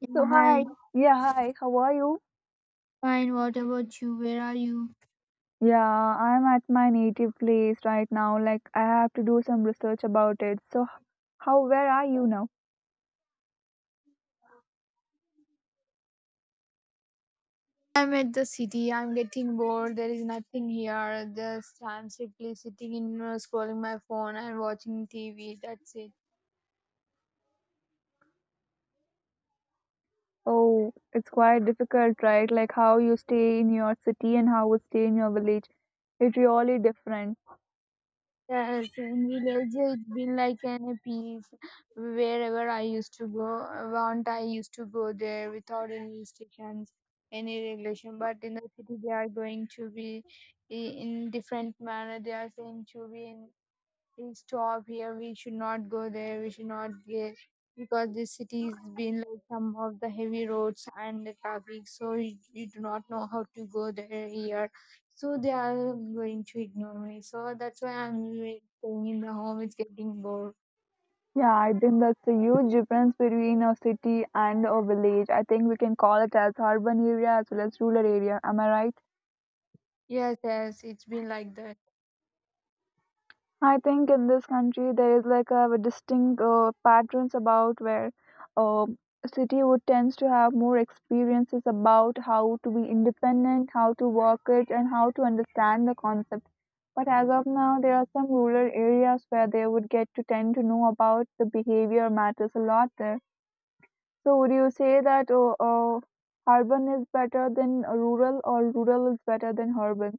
Yeah, So hi. hi, yeah, hi. How are you? Fine. What about you? Where are you? Yeah, I'm at my native place right now. Like I have to do some research about it. So how, where are you now? I'm at the city. I'm getting bored. There is nothing here. Just I'm simply sitting in scrolling my phone and watching TV. That's it. Oh, it's quite difficult, right? Like how you stay in your city and how you stay in your village. It's really different. Yes, in village it's been like an peace. Wherever I used to go, want I used to go there without any restrictions, any regulation. But in the city, they are going to be in different manner. They are saying to be in, "Please stop here. We should not go there. We should not get because this city has been like some of the heavy roads and the traffic, so you do not know how to go there here. So they are going to ignore me. So that's why I'm staying in the home. It's getting bored. Yeah, I think that's a huge difference between a city and a village. I think we can call it as urban area as well as rural area. Am I right? Yes, yes, it's been like that. I think in this country there is like a, distinct patterns about where uh, city would tends to have more experiences about how to be independent, how to work it, and how to understand the concept. But as of now, there are some rural areas where they would get to tend to know about the behavior matters a lot there. So would you say that urban is better than rural, or rural is better than urban?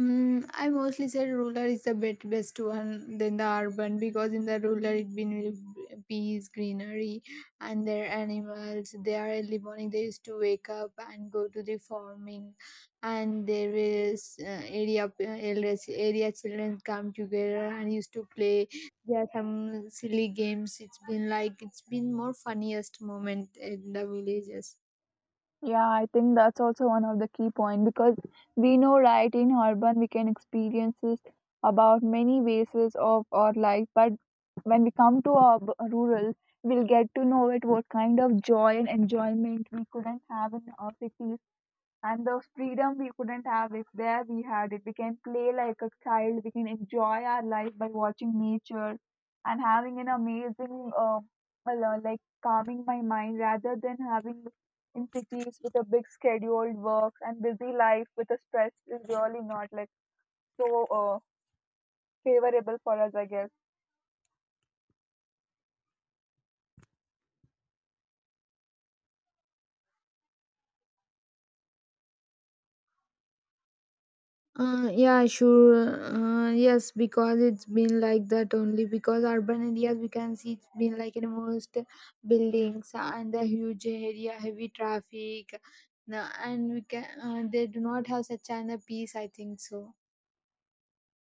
Mm, I mostly said rural is the best one than the urban because in the rural it been with peace, greenery, and their animals. They are early morning. They used to wake up and go to the farming, and there is area elders, area children come together and used to play. There are some silly games. It's been like it's been more funniest moment in the villages. Yeah, I think that's also one of the key point because we know right in urban we can experiences about many bases of our life, but when we come to our rural, we'll get to know it what kind of joy and enjoyment we couldn't have in our cities and the freedom we couldn't have if there we had it. We can play like a child. We can enjoy our life by watching nature and having an amazing, like calming my mind rather than having in cities with a big scheduled work and busy life with a stress is really not like so favorable for us. I guess. Yeah, sure. Yes, because it's been like that only. Because urban areas, we can see it's been like in most buildings and the huge area, heavy traffic. No, and we can they do not have such kind of peace. I think so.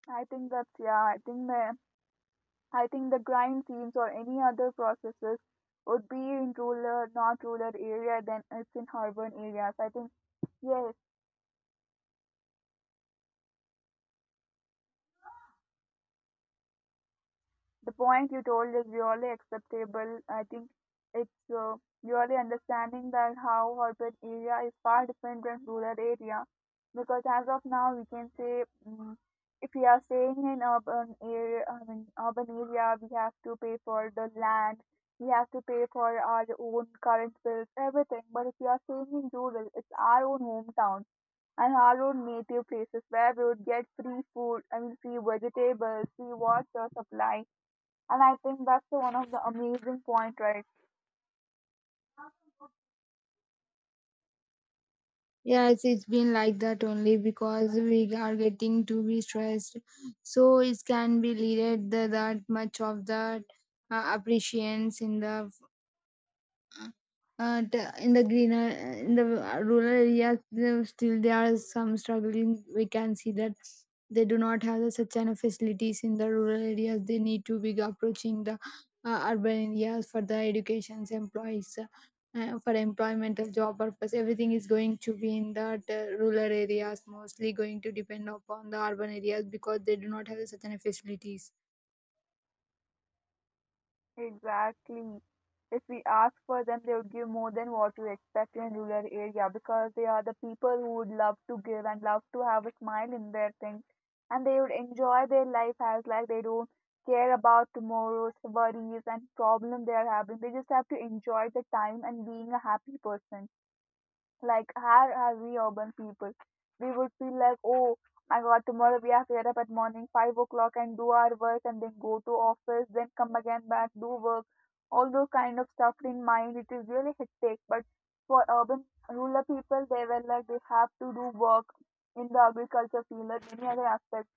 I think that's yeah. I think the grind seams or any other processes would be in rural, not rural area than it's in urban areas. I think, yeah. The point you told is really acceptable. I think it's really understanding that how urban area is far different than rural area because as of now we can say if we are staying in urban area, I mean urban area, we have to pay for the land, we have to pay for our own current bills, everything. But if we are staying in rural, it's our own hometown and our own native places where we would get free food, I mean free vegetables, free water supply, and I think that's the one of the amazing point, right? Yes, it's been like that only because we are getting to be stressed. So it can be leaded the, that much of that appreciation in the in the greener in the rural areas still there are some struggling we can see that they do not have the such kind of facilities in the rural areas they need to be approaching the urban areas for the educations employees for employmental job purpose everything is going to be in the rural areas mostly going to depend upon the urban areas because they do not have such kind of facilities. Exactly. If we ask for them, they would give more than what we expect in rural area because they are the people who would love to give and love to have a smile in their things, and they would enjoy their life as like they don't care about tomorrow's worries and problem they are having. They just have to enjoy the time and being a happy person. Like, how are we urban people? We would feel like, oh my god, tomorrow we have to get up at morning 5 o'clock and do our work and then go to office, then come again back, do work. All those kind of stuff in mind, it is really hectic. But for urban rural people, they were like, they have to do work in the agriculture field or any other aspect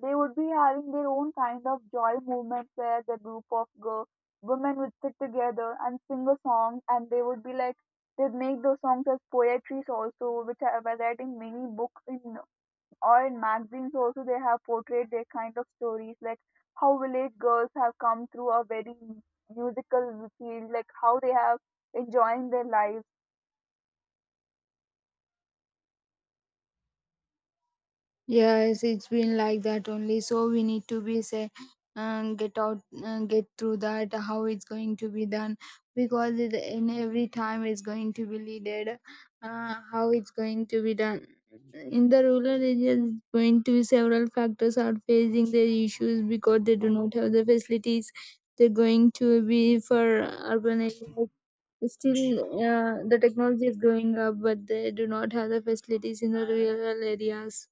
they would be having their own kind of joy movement where the group of girl, women would sit together and sing a song, and they would be like they'd make those songs as poetries also, which are were that in many books in or in magazines also they have portrayed their kind of stories like how village girls have come through a very musical field, like how they have enjoying their lives. Yes, it's been like that only. So we need to be say, get out, get through that. How it's going to be done? Because it, in every time it's going to be leaded. How it's going to be done? In the rural areas, it's going to be several factors are facing their issues because they do not have the facilities. They're going to be for urban areas. Still, the technology is going up, but they do not have the facilities in the rural areas.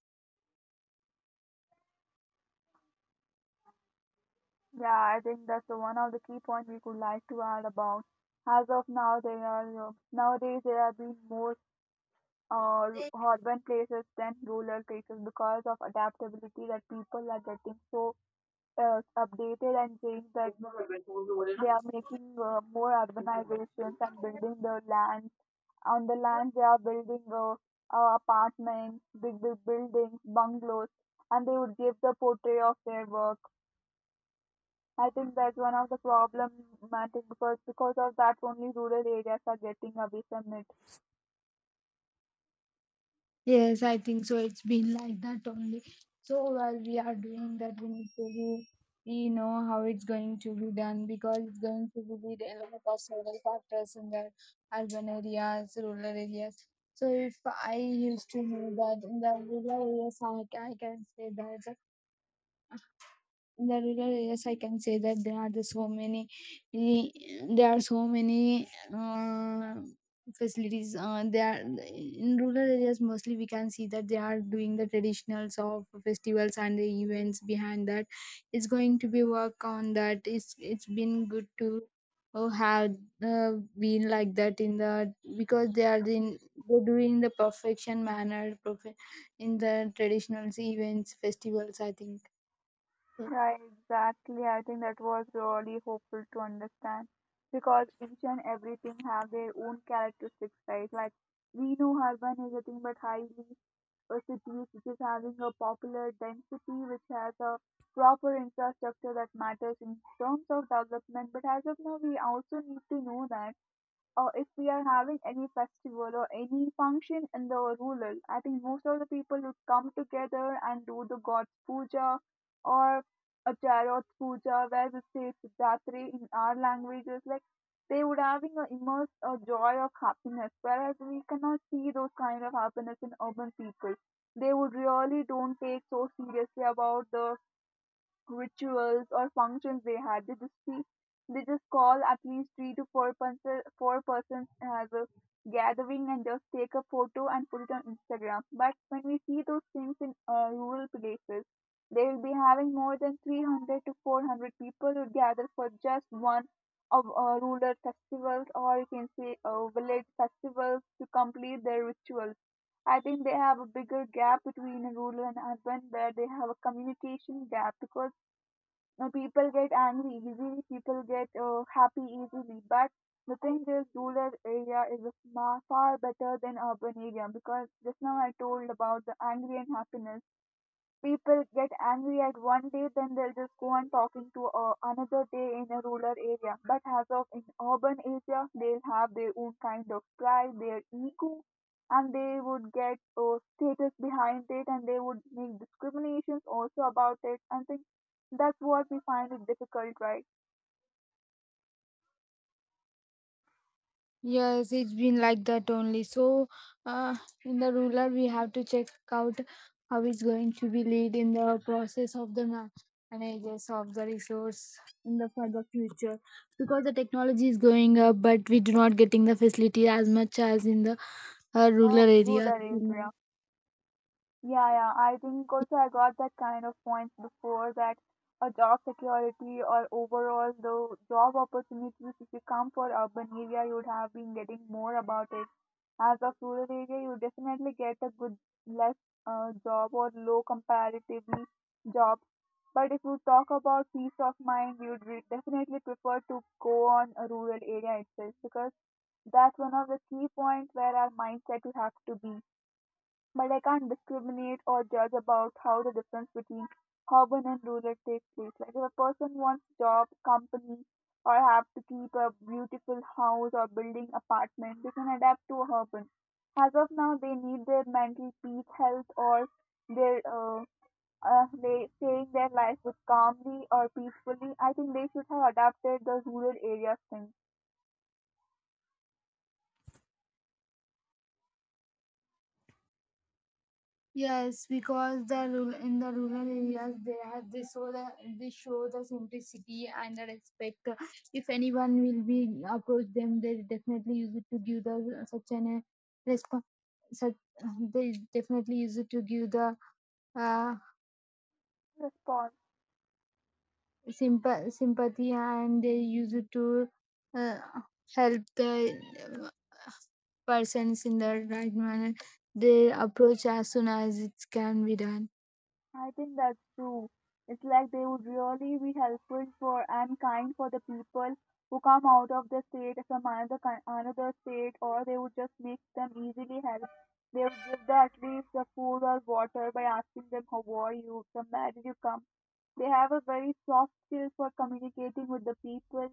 Yeah, I think that's the one of the key point we could like to add about as of now they are nowadays they are being more uh, urban places than rural places because of adaptability that people are getting so updated and saying that they are making more urbanizations and building the land. On the land, they are building apartments, big, big buildings, bungalows, and they would give the portrait of their work. I think that's one of the problem, I think, because of that only rural areas are getting away from it. Yes, I think so. It's been like that only. So while we are doing that, we know how it's going to be done because it's going to be a lot of several factors in the urban areas, rural areas. So if I used to know that in the rural areas, I can say that in the rural areas I can say that there are the so many eh, there are so many uh, facilities they are in rural areas mostly we can see that they are doing the traditionals of festivals and the events behind that it's going to be work on that it's been good to have uh, been like that in the because they are in they're doing the perfection manner perfect in the traditional events festivals I think. Yeah, exactly. I think that was really hopeful to understand because each and everything have their own characteristics, right? Like we know urban is a thing, but highly a city which is having a popular density which has a proper infrastructure that matters in terms of development. But as of now, we also need to know that or if we are having any festival or any function in the rural, I think most of the people would come together and do the God's puja or a tarot puja where we say Siddhatri in our languages. Like they would having a immense a joy of happiness, whereas we cannot see those kind of happiness in urban people. They would really don't take so seriously about the rituals or functions they had. They just call at least three to four person, four persons as a gathering and just take a photo and put it on Instagram. But when we see those things in rural places, they will be having more than 300 to 400 people who gather for just one of rural festivals or you can say village festivals to complete their rituals. I think they have a bigger gap between rural and urban where they have a communication gap because now people get angry easily, people get happy easily. But the thing is, rural area is a far, far better than urban area because just now I told about the angry and happiness. People get angry at one day, then they'll just go on talking to another day in a rural area. But as of in urban area, they'll have their own kind of pride, their ego, and they would get status behind it, and they would make discriminations also about it. And things. That's what we find it difficult, right? Yes, it's been like that only. So, uh, in the ruler, we have to check out how it's going to be lead in the process of the managers of the resource in the for the future because the technology is going up, but we do not getting the facility as much as in the rural Rural areas till area. now. Yeah, yeah. I think also I got that kind of points before that a job security or overall the job opportunities. If you come for urban area, you would have been getting more about it. As of rural area, you definitely get a good less job or low comparatively jobs. But if you talk about peace of mind, you would definitely prefer to go on a rural area itself because that's one of the key points where our mindset you have to be. But I can't discriminate or judge about how the difference between urban and rural takes place. Like if a person wants job, company, or have to keep a beautiful house or building apartment, they can adapt to urban. As of now, they need their mental peace, health, or their they saying their life with calmly or peacefully. I think they should have adapted the rural areas thing. Yes, because the rural in the rural areas they have they show the simplicity and the respect. If anyone will be approach them, they definitely use it to give the such an response. Such they definitely use it to give the uh, Response. Sympathy and they use it to uh, help the uh, persons in the right manner. They approach as soon as it can be done. I think that's true. It's like they would really be helpful for and kind for the people who come out of the state from another state, or they would just make them easily help. They would give them at least the food or water by asking them how are you, from where did you come. They have a very soft skill for communicating with the people.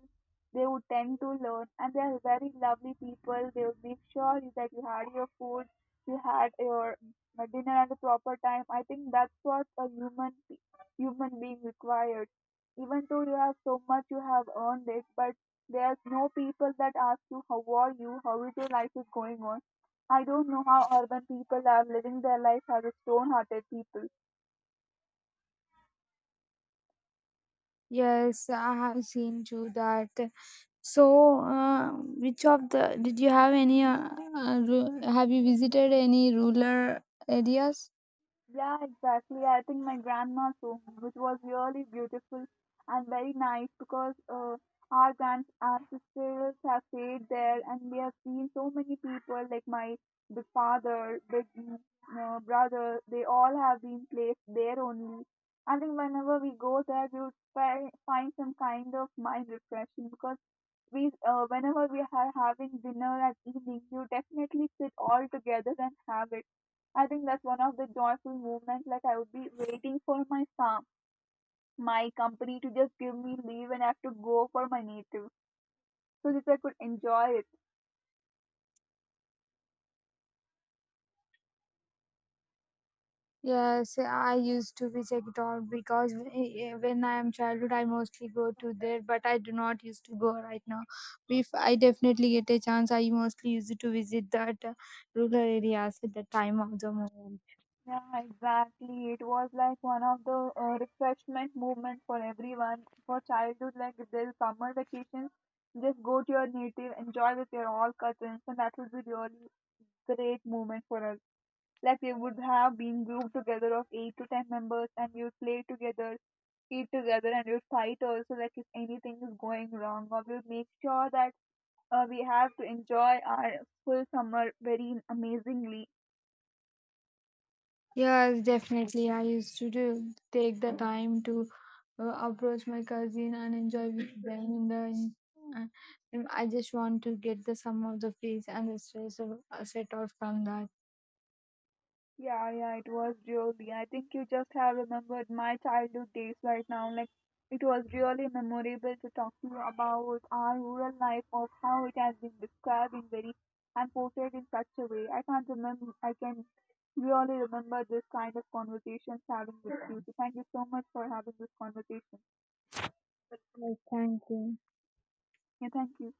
They would tend to learn, and they are very lovely people. They would make sure that you had your food, you had your my dinner at the proper time. I think that's what a human being requires. Even though you have so much, you have earned it, but there's no people that ask you how are you, how is your life is going on. I don't know how urban people are living their life as a stone-hearted people. Yes, I have seen too that. So, which of the did you have any? Have you visited any rural areas? Yeah, exactly. I think my grandma's home, which was really beautiful and very nice because our grand ancestors have stayed there and we have seen so many people like my big father, big brother, they all have been placed there only. I think whenever we go there, we would find some kind of mind refreshing because we whenever we are having dinner at evening, you definitely sit all together and have it. I think that's one of the joyful moments. Like I would be waiting for my company to just give me leave and I have to go for my native, so that I could enjoy it. Yes, I used to visit it all because when I am childhood, I mostly go to there, but I do not used to go right now. If I definitely get a chance, I mostly used to visit that rural areas at the time of the moment. Yeah, exactly. It was like one of the refreshment moments for everyone for childhood. Like if there's summer vacations, just go to your native, enjoy with your all cousins, and that would be really great moment for us. Like we would have been grouped together of eight to ten members, and we would play together, eat together, and we would fight also. Like if anything is going wrong, or we would make sure that we have to enjoy our full summer very amazingly. Yes, definitely. I used to do, take the time to approach my cousin and enjoy with them in the. In, uh, and I just want to get the some of the peace and the stress of, set off from that. Yeah, yeah, it was really. I think you just have remembered my childhood days right now. Like, it was really memorable to talk to you about our rural life of how it has been described in very and portrayed in such a way. I can't remember, I can really remember this kind of conversations having with you. So, thank you so much for having this conversation. Yes, thank you. Yeah, thank you.